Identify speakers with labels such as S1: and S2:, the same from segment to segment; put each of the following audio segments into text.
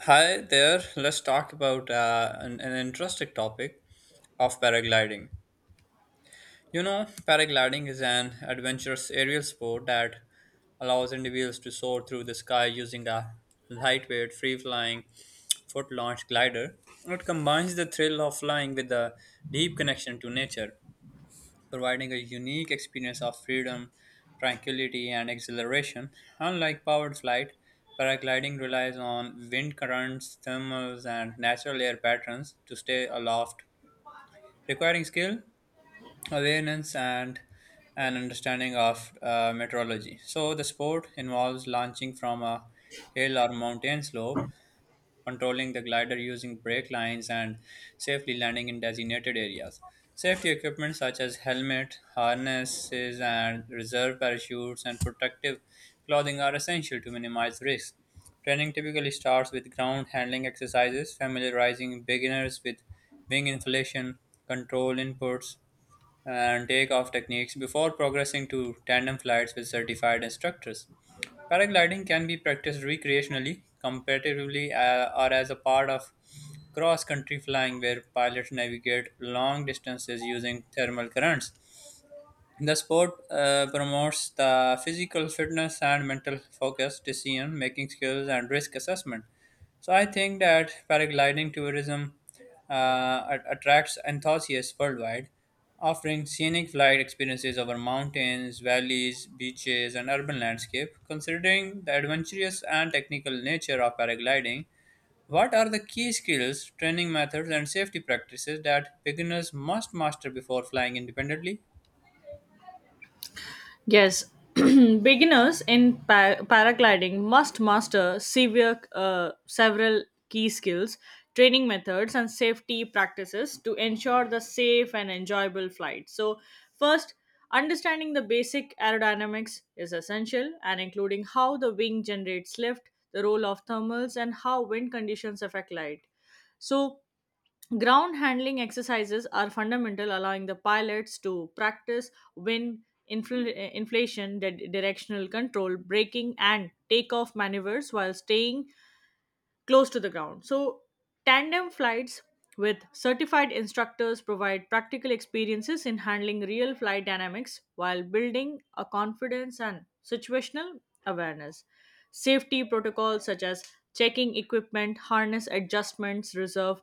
S1: Hi there. Let's talk about an interesting topic of paragliding. You know, paragliding is an adventurous aerial sport that allows individuals to soar through the sky using a lightweight, free flying, foot launched glider. It combines the thrill of flying with a deep connection to nature, providing a unique experience of freedom, tranquility, and exhilaration. Unlike powered flight, paragliding relies on wind currents, thermals, and natural air patterns to stay aloft, requiring skill, awareness, and an understanding of meteorology. So, the sport involves launching from a hill or mountain slope, controlling the glider using brake lines, and safely landing in designated areas. Safety equipment such as helmet, harnesses, and reserve parachutes and protective clothing are essential to minimize risk. Training typically starts with ground handling exercises, familiarizing beginners with wing inflation, control inputs, and takeoff techniques before progressing to tandem flights with certified instructors. Paragliding can be practiced recreationally, competitively, or as a part of cross country flying where pilots navigate long distances using thermal currents. The sport promotes the physical fitness and mental focus, decision making skills, and risk assessment. So I think that paragliding tourism attracts enthusiasts worldwide, offering scenic flight experiences over mountains, valleys, beaches, and urban landscape. Considering the adventurous and technical nature of paragliding, what are the key skills, training methods, and safety practices that beginners must master before flying independently?
S2: Yes, beginners in paragliding must master several key skills, training methods, and safety practices to ensure the safe and enjoyable flight. So, first, understanding the basic aerodynamics is essential, and including how the wing generates lift, the role of thermals, and how wind conditions affect light. So, ground handling exercises are fundamental, allowing the pilots to practice wind inflation, directional control, braking, and takeoff maneuvers while staying close to the ground. So, tandem flights with certified instructors provide practical experiences in handling real flight dynamics while building a confidence and situational awareness. Safety protocols such as checking equipment, harness adjustments, reserve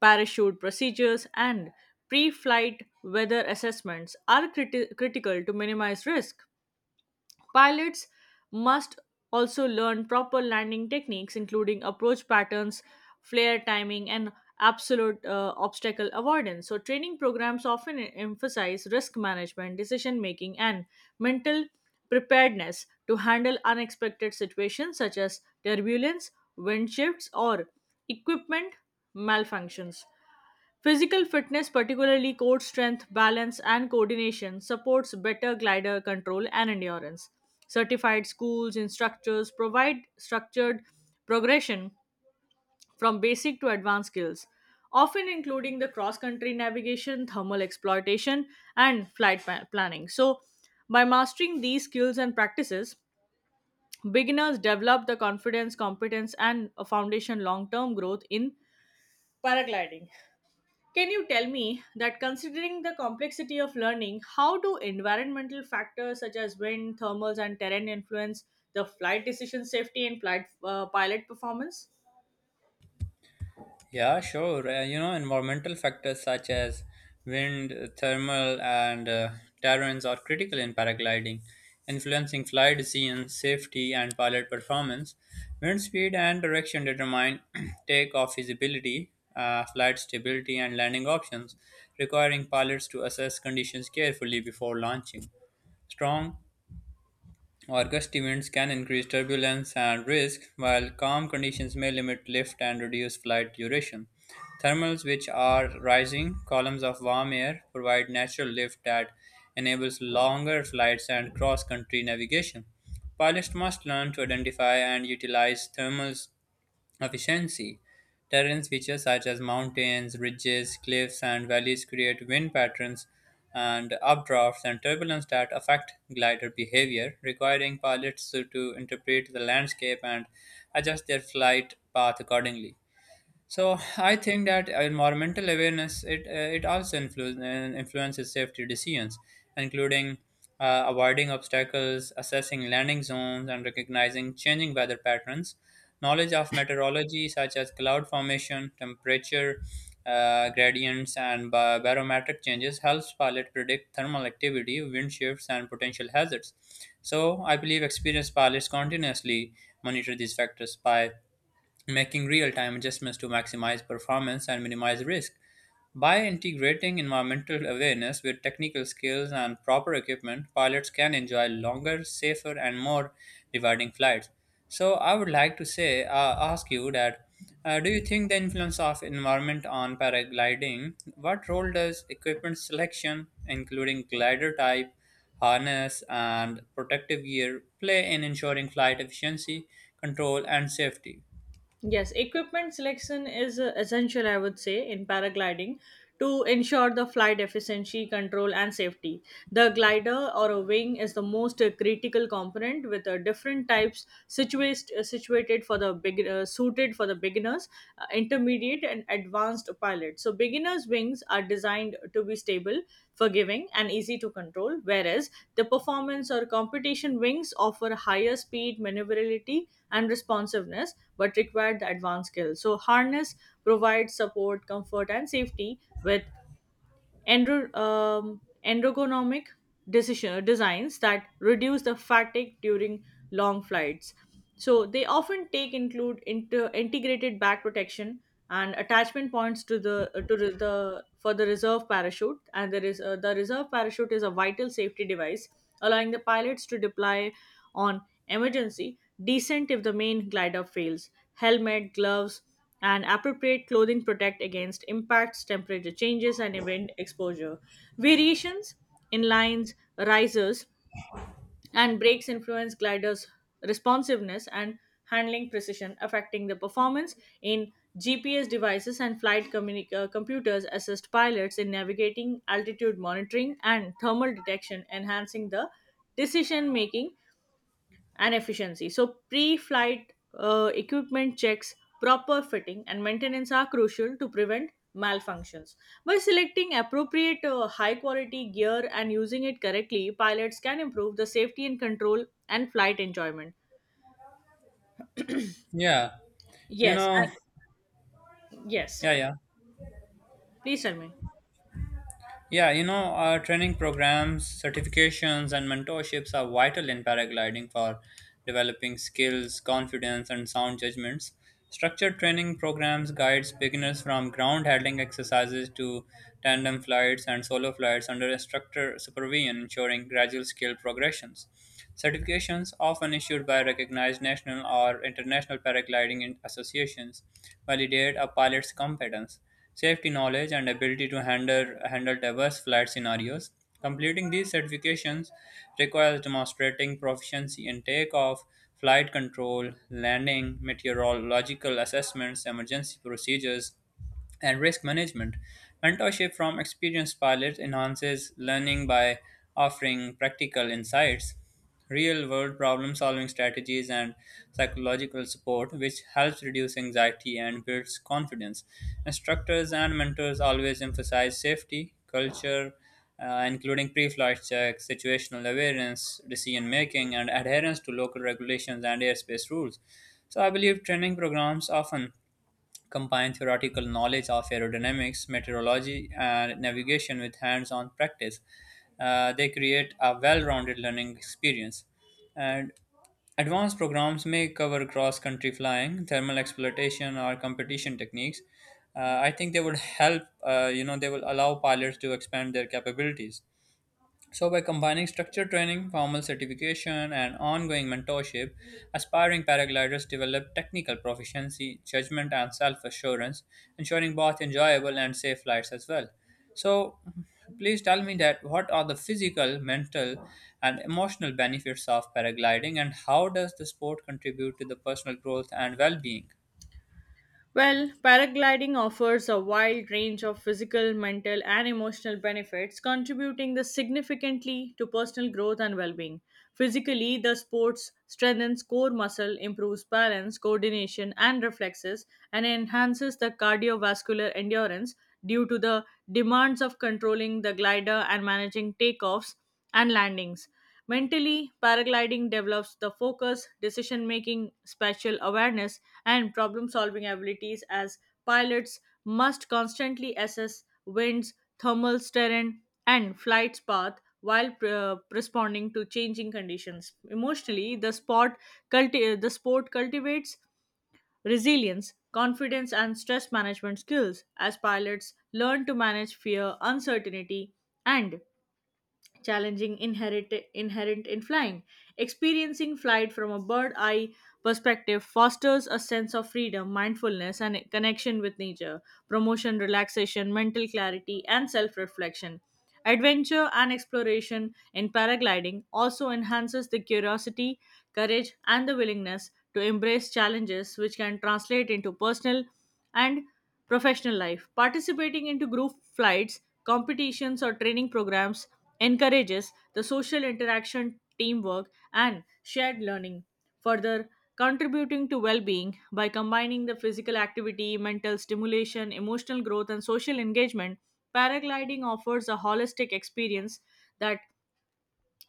S2: parachute procedures, and pre flight weather assessments are critical to minimize risk. Pilots must also learn proper landing techniques, including approach patterns, flare timing, and absolute obstacle avoidance. So, training programs often emphasize risk management, decision making, and mental preparedness to handle unexpected situations such as turbulence, wind shifts, or equipment malfunctions. Physical fitness, particularly core strength, balance, and coordination, supports better glider control and endurance. Certified schools, instructors provide structured progression from basic to advanced skills, often including the cross country navigation, thermal exploitation, and flight planning. So, by mastering these skills and practices, beginners develop the confidence, competence, and a foundation long term growth in paragliding. Can you tell me that considering the complexity of learning, how do environmental factors such as wind, thermals, and terrain influence the flight decision safety and flight pilot performance?
S1: Yeah, sure. You know, environmental factors such as wind, thermal, and terrains are critical in paragliding, influencing flight decisions, safety, and pilot performance. Wind speed and direction determine takeoff feasibility, flight stability, and landing options, requiring pilots to assess conditions carefully before launching. Strong August events can increase turbulence and risk, while calm conditions may limit lift and reduce flight duration. Thermals, which are rising columns of warm air, provide natural lift that enables longer flights and cross country navigation. Pilots must learn to identify and utilize thermals efficiency. Terrain features such as mountains, ridges, cliffs, and valleys create wind patterns and updrafts and turbulence that affect glider behavior, requiring pilots to interpret the landscape and adjust their flight path accordingly. So I think that environmental awareness it also influences safety decisions, including avoiding obstacles, assessing landing zones, and recognizing changing weather patterns. Knowledge of meteorology, such as cloud formation, temperature gradients, and barometric changes, helps pilot predict thermal activity, wind shifts, and potential hazards. So I believe experienced pilots continuously monitor these factors by making real-time adjustments to maximize performance and minimize risk. By integrating environmental awareness with technical skills and proper equipment, pilots can enjoy longer, safer, and more rewarding flights. So, I would like to say, ask you that, do you think the influence of environment on paragliding? What role does equipment selection, including glider type, harness, and protective gear, play in ensuring flight efficiency, control, and safety?
S2: Yes, equipment selection is essential, I would say, in paragliding to ensure the flight efficiency, control, and safety. The glider or a wing is the most critical component with different types situate, situated for the big, suited for the beginners, intermediate, and advanced pilots. So beginners' wings are designed to be stable forgiving, and easy to control, whereas the performance or competition wings offer higher speed, maneuverability, and responsiveness, but require the advanced skills. So, harness provides support, comfort, and safety, with ergonomic decision designs that reduce the fatigue during long flights. So they often take include integrated back protection and attachment points to the for the reserve parachute. And there is the reserve parachute is a vital safety device allowing the pilots to deploy on emergency descent if the main glider fails. Helmet, gloves, and appropriate clothing protect against impacts temperature changes and event exposure variations in lines risers and brakes influence gliders responsiveness and handling precision affecting the performance in gps devices and flight computers assist pilots in navigating altitude monitoring and thermal detection enhancing the decision making and efficiency. So, pre flight equipment checks, proper fitting, and maintenance are crucial to prevent malfunctions. By selecting appropriate high quality gear and using it correctly, pilots can improve the safety and control and flight enjoyment.
S1: Yeah, you
S2: Yes,
S1: know,
S2: and yes.
S1: yeah, yeah.
S2: Please tell me.
S1: Yeah, you know, training programs, certifications, and mentorships are vital in paragliding for developing skills, confidence, and sound judgments. Structured training programs guides beginners from ground handling exercises to tandem flights and solo flights under instructor supervision, ensuring gradual skill progressions. Certifications, often issued by recognized national or international paragliding associations, validate a pilot's competence, safety knowledge, and ability to handle diverse flight scenarios. Completing these certifications requires demonstrating proficiency in takeoff, flight control, landing, meteorological assessments, emergency procedures, and risk management. Mentorship from experienced pilots enhances learning by offering practical insights, real world problem solving strategies, and psychological support, which helps reduce anxiety and builds confidence. Instructors and mentors always emphasize safety culture, including pre-flight checks, situational awareness, decision making, and adherence to local regulations and airspace rules. So I believe training programs often combine theoretical knowledge of aerodynamics, meteorology, and navigation with hands on practice. They create a well rounded learning experience. And advanced programs may cover cross country flying, thermal exploitation, or competition techniques. I think they would help, you know, they will allow pilots to expand their capabilities. So, by combining structured training, formal certification, and ongoing mentorship, aspiring paragliders develop technical proficiency, judgment, and self assurance, ensuring both enjoyable and safe flights as well. So, please tell me that what are the physical, mental, and emotional benefits of paragliding, and how does the sport contribute to the personal growth and well being?
S2: Well, paragliding offers a wide range of physical, mental, and emotional benefits, contributing the significantly to personal growth and well-being. Physically, the sport strengthens core muscle, improves balance, coordination, and reflexes, and enhances the cardiovascular endurance due to the demands of controlling the glider and managing takeoffs and landings. Mentally, paragliding develops the focus, decision making, spatial awareness, and problem solving abilities as pilots must constantly assess winds, thermals, terrain, and flight's path while responding to changing conditions. Emotionally, the sport cultivates resilience, confidence, and stress management skills as pilots learn to manage fear, uncertainty, and challenging inherent in flying. Experiencing flight from a bird eye perspective fosters a sense of freedom, mindfulness, and connection with nature, promotion, relaxation, mental clarity, and self-reflection. Adventure and exploration in paragliding also enhances the curiosity, courage, and the willingness to embrace challenges which can translate into personal and professional life participating into group flights competitions or training programs encourages the social interaction teamwork and shared learning further contributing to well-being by combining the physical activity mental stimulation emotional growth and social engagement paragliding offers a holistic experience that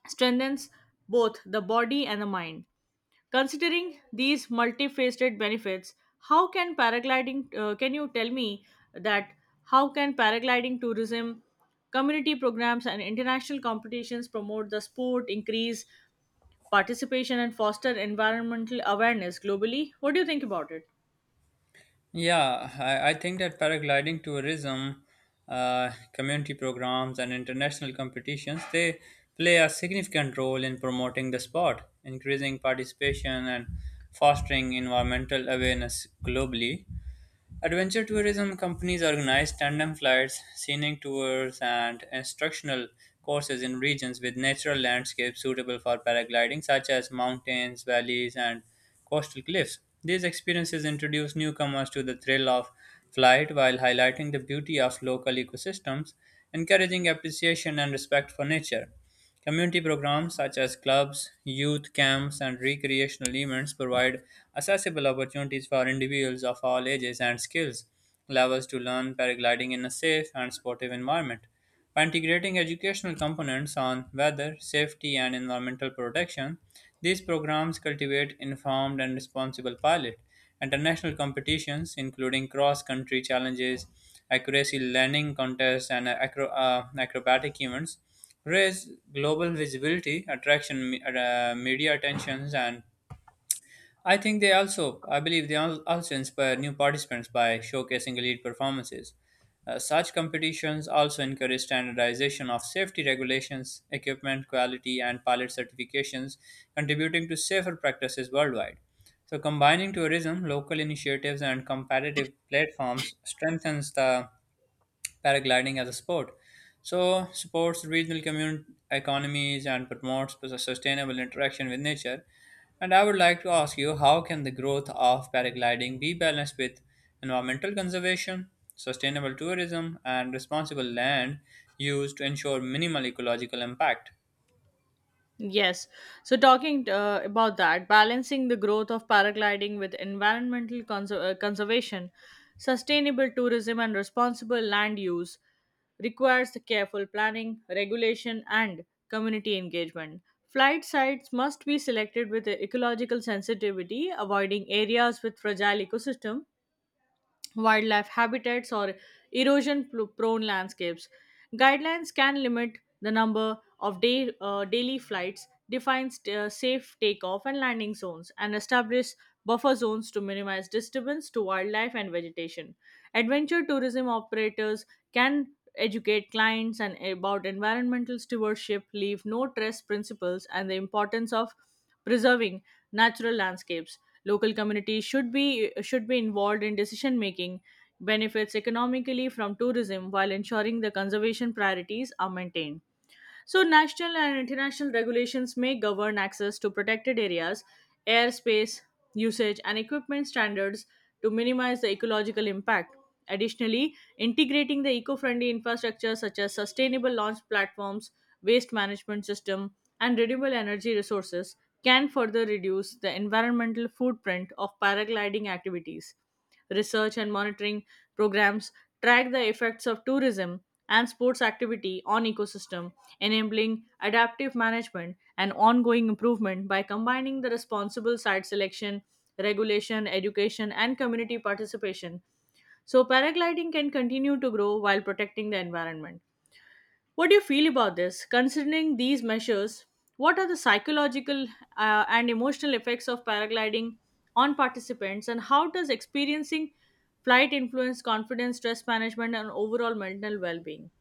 S2: strengthens both the body and the mind. Considering these multifaceted benefits, how can can you tell me that how can paragliding tourism, community programs, and international competitions promote the sport, increase participation, and foster environmental awareness globally? What do you think about it?
S1: Yeah, I think that paragliding tourism, community programs, and international competitions they play a significant role in promoting the sport, increasing participation, and fostering environmental awareness globally. Adventure tourism companies organize tandem flights, scenic tours, and instructional courses in regions with natural landscapes suitable for paragliding, such as mountains, valleys, and coastal cliffs. These experiences introduce newcomers to the thrill of flight while highlighting the beauty of local ecosystems, encouraging appreciation and respect for nature. Community programs such as clubs, youth camps, and recreational events provide accessible opportunities for individuals of all ages and skills levels to learn paragliding in a safe and sportive environment. By integrating educational components on weather, safety, and environmental protection, these programs cultivate informed and responsible pilot. International competitions, including cross country challenges, accuracy learning contests, and acrobatic events, raise global visibility, attraction media attentions, and I think they also, I believe they also inspire new participants by showcasing elite performances. Such competitions also encourage standardization of safety regulations, equipment quality, and pilot certifications, contributing to safer practices worldwide. So, combining tourism, local initiatives, and competitive platforms strengthens the paragliding as a sport. So, supports regional community economies and promotes sustainable interaction with nature. And I would like to ask you, how can the growth of paragliding be balanced with environmental conservation, sustainable tourism, and responsible land use to ensure minimal ecological impact?
S2: Yes. So, talking about that, balancing the growth of paragliding with environmental conservation, sustainable tourism, and responsible land use requires the careful planning, regulation, and community engagement. Flight sites must be selected with ecological sensitivity, avoiding areas with fragile ecosystem wildlife habitats or prone landscapes. Guidelines can limit the number of daily flights, define safe takeoff and landing zones, and establish buffer zones to minimize disturbance to wildlife and vegetation. Adventure tourism operators can educate clients and about environmental stewardship, leave no trace principles, and the importance of preserving natural landscapes. Local communities should be involved in decision making benefits economically from tourism while ensuring the conservation priorities are maintained. So, national and international regulations may govern access to protected areas, airspace, usage, and equipment standards to minimize the ecological impact. Additionally, integrating the eco friendly infrastructure such as sustainable launch platforms, waste management system, and renewable energy resources can further reduce the environmental footprint of paragliding activities research and monitoring programs track the effects of tourism and sports activity on ecosystem enabling adaptive management and ongoing improvement by combining the responsible site selection, regulation, education, and community participation. So, paragliding can continue to grow while protecting the environment. What do you feel about this? Considering these measures, what are the psychological and emotional effects of paragliding on participants, and how does experiencing flight influence confidence, stress management, and overall mental well being?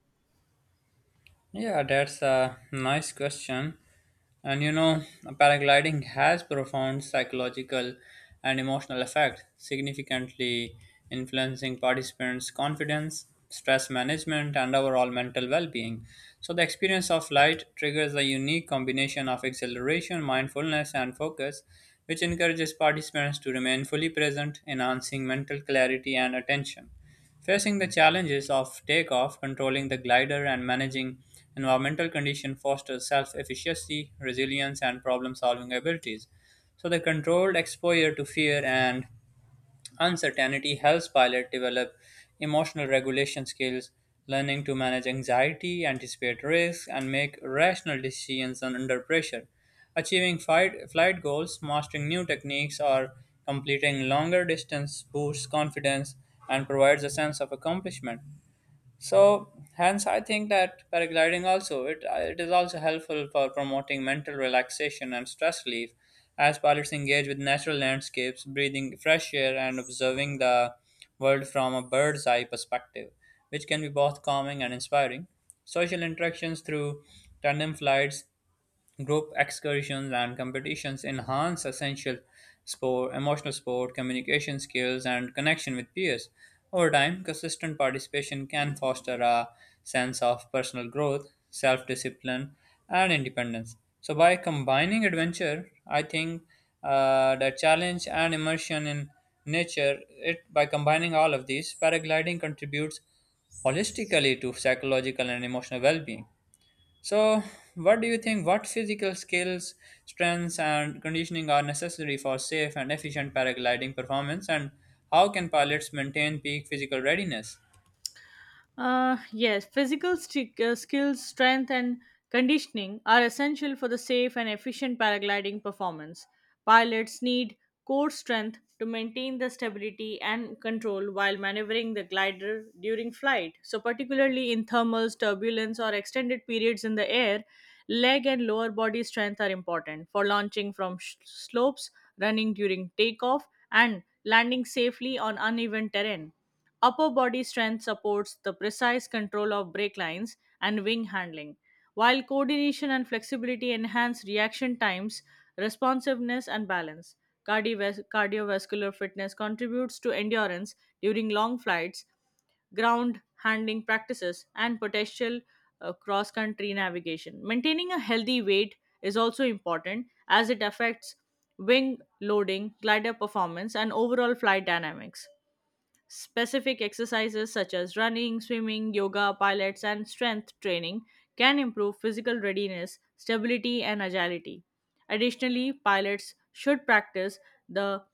S1: Yeah, that's a nice question. And you know, paragliding has profound psychological and emotional effect, significantly influencing participants' confidence, stress management, and overall mental well-being. So the experience of flight triggers a unique combination of exhilaration, mindfulness, and focus, which encourages participants to remain fully present, enhancing mental clarity and attention. Facing the challenges of takeoff, controlling the glider, and managing environmental conditions fosters self efficacy, resilience, and problem solving abilities. So, the controlled exposure to fear and uncertainty helps pilot develop emotional regulation skills, learning to manage anxiety, anticipate risks, and make rational decisions under pressure. Achieving flight goals, mastering new techniques, or completing longer distance boosts confidence and provides a sense of accomplishment. So, hence, I think that paragliding also, it is also helpful for promoting mental relaxation and stress relief, as pilots engage with natural landscapes, breathing fresh air, and observing the world from a bird's eye perspective, which can be both calming and inspiring. Social interactions through tandem flights, group excursions, and competitions enhance essential emotional sport, communication skills, and connection with peers. Over time, consistent participation can foster a sense of personal growth, self discipline, and independence. So, by combining adventure, I think, the challenge and immersion in nature, it, by combining all of these, paragliding contributes holistically to psychological and emotional well being. So, what do you think? What physical skills, strengths, and conditioning are necessary for safe and efficient paragliding performance? And how can pilots maintain peak physical readiness?
S2: Yes, physical skills, strength, and conditioning are essential for the safe and efficient paragliding performance. Pilots need core strength to maintain the stability and control while maneuvering the glider during flight. So, particularly in thermals, turbulence, or extended periods in the air, leg and lower body strength are important for launching from slopes, running during takeoff, and landing safely on uneven terrain. Upper body strength supports the precise control of brake lines and wing handling, while coordination and flexibility enhance reaction times, responsiveness, and balance. Cardiovascular fitness contributes to endurance during long flights, ground handling practices, and potential cross country navigation. Maintaining a healthy weight is also important as it affects wing loading, glider performance, and overall flight dynamics. Specific exercises such as running, swimming, yoga, pilates, and strength training can improve physical readiness, stability, and agility. Additionally, pilots should practice the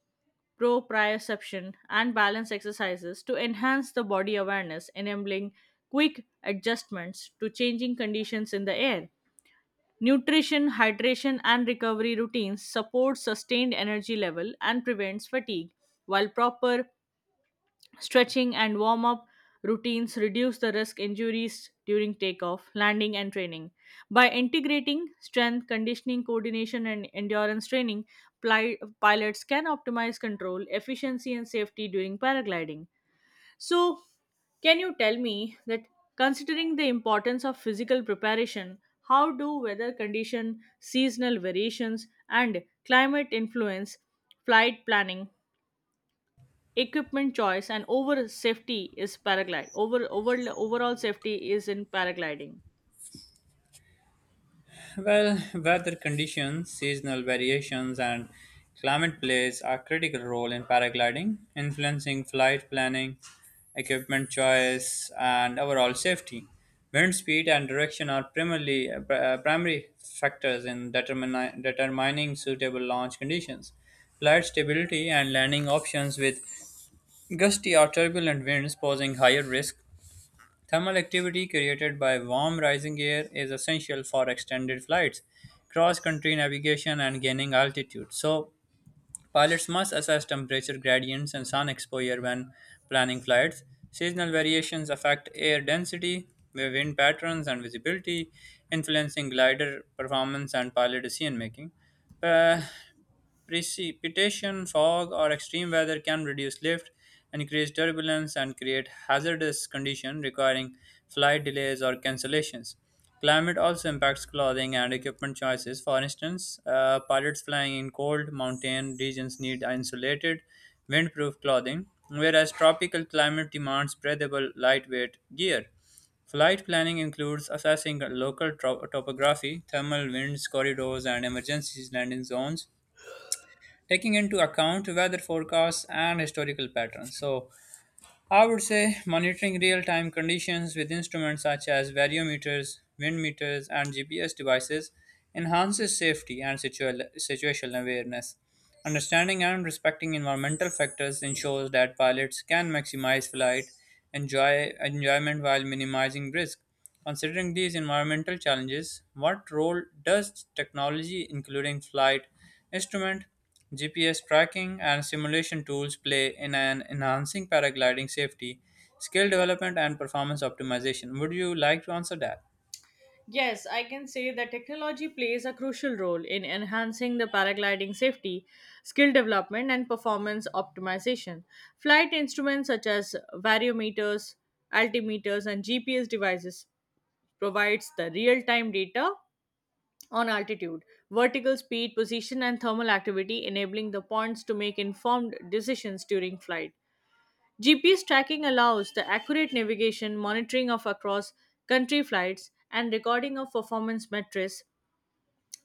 S2: proprioception and balance exercises to enhance the body awareness, enabling quick adjustments to changing conditions in the air. Nutrition, hydration, and recovery routines support sustained energy level and prevents fatigue, while proper stretching and warm up routines reduce the risk injuries during takeoff, landing, and training. By integrating strength, conditioning, coordination, and endurance training, pilots can optimize control, efficiency, and safety during paragliding. So, can you tell me that considering the importance of physical preparation, how do weather condition, seasonal variations, and climate influence flight planning equipment choice and overall safety is in paragliding?
S1: Well, weather conditions, seasonal variations, and climate plays a critical role in paragliding, influencing flight planning, equipment choice, and overall safety. Wind speed and direction are primary factors in determining suitable launch conditions. Flight stability and landing options with gusty or turbulent winds posing higher risk. Thermal activity created by warm rising air is essential for extended flights, cross country navigation, and gaining altitude. So, pilots must assess temperature gradients and sun exposure when planning flights. Seasonal variations affect air density, wind patterns, and visibility, influencing glider performance and pilot decision making. Precipitation, fog, or extreme weather can reduce lift, increase turbulence, and create hazardous conditions requiring flight delays or cancellations. Climate also impacts clothing and equipment choices. For instance, pilots flying in cold mountain regions need insulated, windproof clothing, whereas tropical climate demands breathable, lightweight gear. Flight planning includes assessing local topography, thermal winds, corridors, and emergency landing zones, taking into account weather forecasts and historical patterns. So, I would say monitoring real time conditions with instruments such as variometers, wind meters, and GPS devices enhances safety and situational awareness. Understanding and respecting environmental factors ensures that pilots can maximize enjoyment while minimizing risk. Considering these environmental challenges, what role does technology, including flight instrument, GPS tracking, and simulation tools, play in an enhancing paragliding safety, skill development, and performance optimization? Would you like to answer that?
S2: Yes, I can say that technology plays a crucial role in enhancing the paragliding safety skill development and performance optimization flight instruments such as variometers altimeters and gps devices provides the real-time data on altitude vertical speed position and thermal activity enabling the points to make informed decisions during flight. GPS tracking allows the accurate navigation, monitoring of across country flights, and recording of performance metrics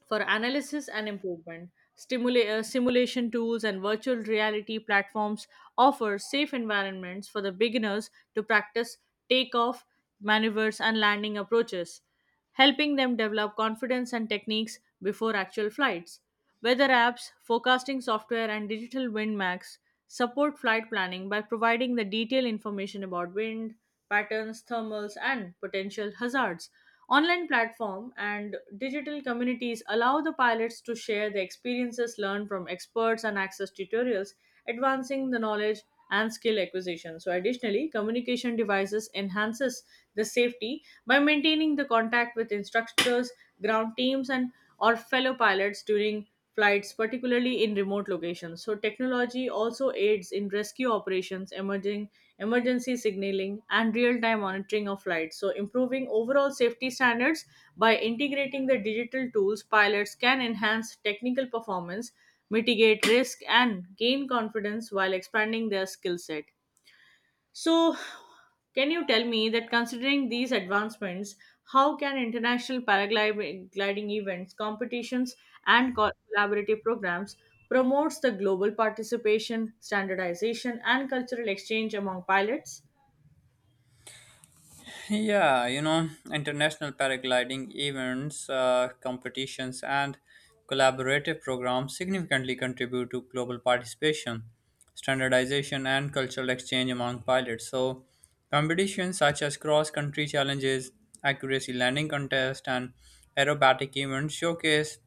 S2: for analysis and improvement. Simulation tools and virtual reality platforms offer safe environments for the beginners to practice takeoff, maneuvers, and landing approaches, helping them develop confidence and techniques before actual flights. Weather apps, forecasting software, and digital wind max support flight planning by providing the detailed information about wind patterns, thermals, and potential hazards. Online platform and digital communities allow the pilots to share the experiences learned from experts and access tutorials advancing the knowledge and skill acquisition. So additionally, communication devices enhances the safety by maintaining the contact with instructors, ground teams and or fellow pilots during flights, particularly in remote locations. So technology also aids in rescue operations, emerging emergency signaling, and real-time monitoring of flights. So improving overall safety standards by integrating the digital tools, pilots can enhance technical performance mitigate risk, and gain confidence while expanding their skill set. So, can you tell me that considering these advancements, how can international paragliding events, competitions, and collaborative programs promotes the global participation, standardization, and cultural exchange among pilots?
S1: Yeah, you know, international paragliding events, competitions, and collaborative programs significantly contribute to global participation, standardization, and cultural exchange among pilots. So, competitions such as cross country challenges, accuracy landing contests, and aerobatic events showcase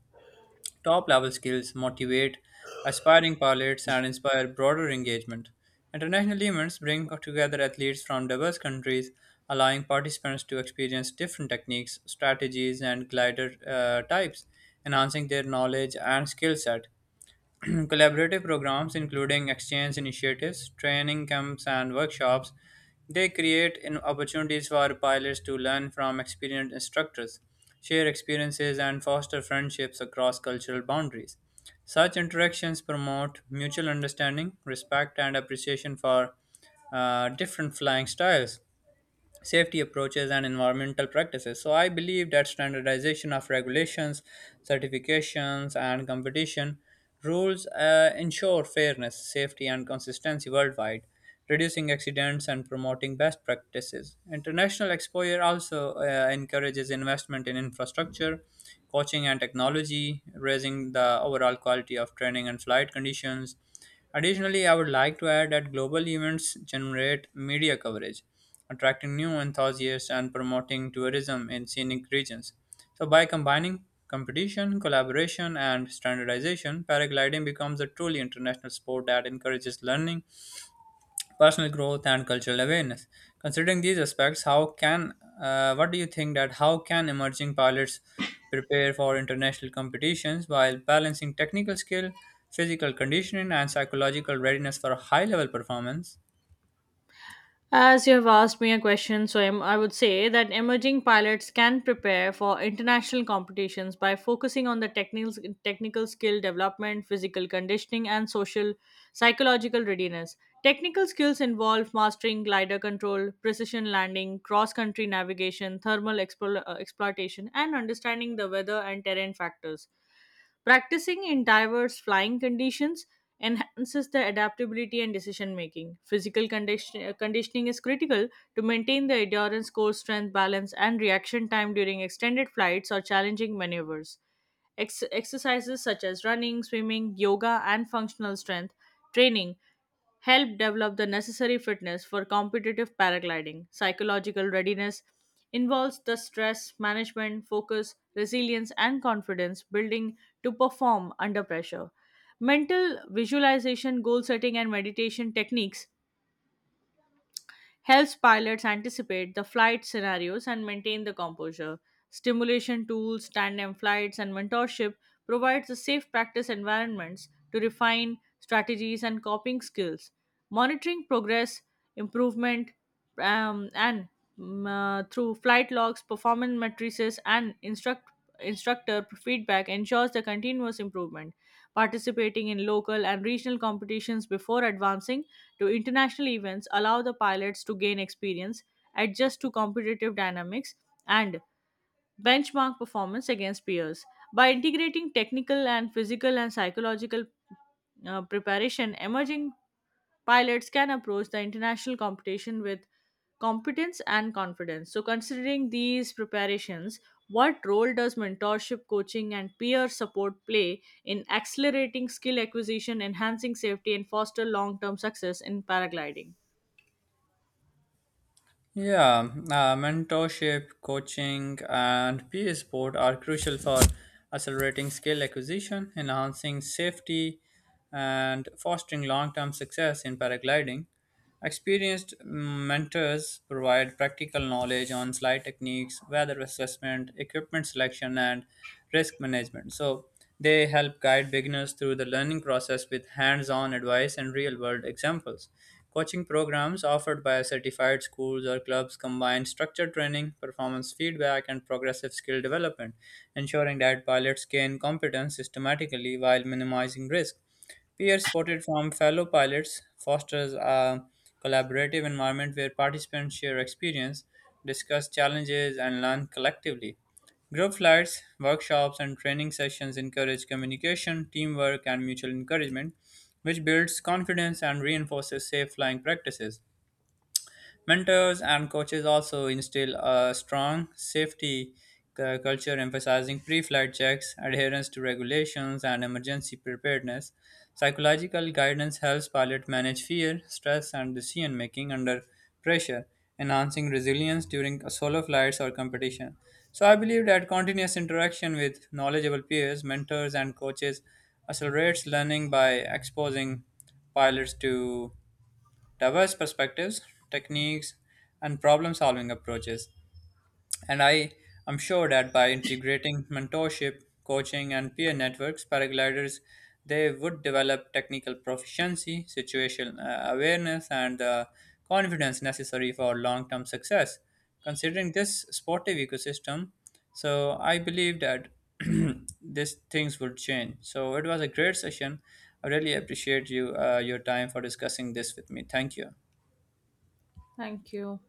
S1: top level skills, motivate aspiring pilots, and inspire broader engagement. International events bring together athletes from diverse countries, allowing participants to experience different techniques, strategies, and glider types, enhancing their knowledge and skill set. Collaborative programs, including exchange initiatives, training camps, and workshops, they create opportunities for pilots to learn from experienced instructors, share experiences, and foster friendships across cultural boundaries. Such interactions promote mutual understanding, respect, and appreciation for different flying styles, safety approaches, and environmental practices. So, I believe that standardization of regulations, certifications, and competition rules ensure fairness, safety, and consistency worldwide, reducing accidents and promoting best practices. International exposure also encourages investment in infrastructure, coaching, and technology, raising the overall quality of training and flight conditions. Additionally, I would like to add that global events generate media coverage, attracting new enthusiasts and promoting tourism in scenic regions. So, by combining competition, collaboration, and standardization, paragliding becomes a truly international sport that encourages learning, personal growth, and cultural awareness. Considering these aspects, how can, what do you think, that how can emerging pilots prepare for international competitions while balancing technical skill, physical conditioning, and psychological readiness for high-level performance?
S2: As you have asked me a question, so I would say that emerging pilots can prepare for international competitions by focusing on the technical skill development, physical conditioning, and social psychological readiness. Technical skills involve mastering glider control, precision landing, cross country navigation, thermal exploitation, and understanding the weather and terrain factors. Practicing in diverse flying conditions enhances the adaptability and decision making. Conditioning is critical to maintain the endurance, core strength, balance, and reaction time during extended flights or challenging maneuvers. Exercises such as running, swimming, yoga, and functional strength training help develop the necessary fitness for competitive paragliding. Psychological readiness involves the stress management, focus, resilience, and confidence building to perform under pressure. Mental visualization, goal setting, and meditation techniques helps pilots anticipate the flight scenarios and maintain the composure. Stimulation tools, tandem flights, and mentorship provides the safe practice environments to refine strategies and coping skills. Monitoring progress, improvement, um, and through flight logs, performance matrices, and instructor feedback ensures the continuous improvement. Participating in local and regional competitions before advancing to international events allow the pilots to gain experience, adjust to competitive dynamics, and benchmark performance against peers. By integrating technical and physical and psychological preparation, emerging pilots can approach the international competition with competence and confidence. So, considering these preparations, what role does mentorship, coaching, and peer support play in accelerating skill acquisition, enhancing safety, and foster long term success in paragliding?
S1: Yeah, mentorship, coaching, and peer support are crucial for accelerating skill acquisition, enhancing safety, and fostering long term success in paragliding. Experienced mentors provide practical knowledge on slide techniques, weather assessment, equipment selection, and risk management. So, they help guide beginners through the learning process with hands on advice and real world examples. Coaching programs offered by certified schools or clubs combine structured training, performance feedback, and progressive skill development, ensuring that pilots gain competence systematically while minimizing risk. Peer supported from fellow pilots fosters a collaborative environment where participants share experience, discuss challenges, and learn collectively. Group flights, workshops, and training sessions encourage communication, teamwork, and mutual encouragement, which builds confidence and reinforces safe flying practices. Mentors and coaches also instill a strong safety culture, emphasizing pre flight checks, adherence to regulations, and emergency preparedness. Psychological guidance helps pilots manage fear, stress, and decision making under pressure, enhancing resilience during solo flights or competition. So, I believe that continuous interaction with knowledgeable peers, mentors, and coaches accelerates learning by exposing pilots to diverse perspectives, techniques, and problem solving approaches. And I am sure that by integrating mentorship, coaching, and peer networks, paragliders they would develop technical proficiency, situational awareness, and the confidence necessary for long term success. Considering this sportive ecosystem, so I believe that these things would change. So it was a great session. I really appreciate you, your time for discussing this with me. Thank you.
S2: Thank you.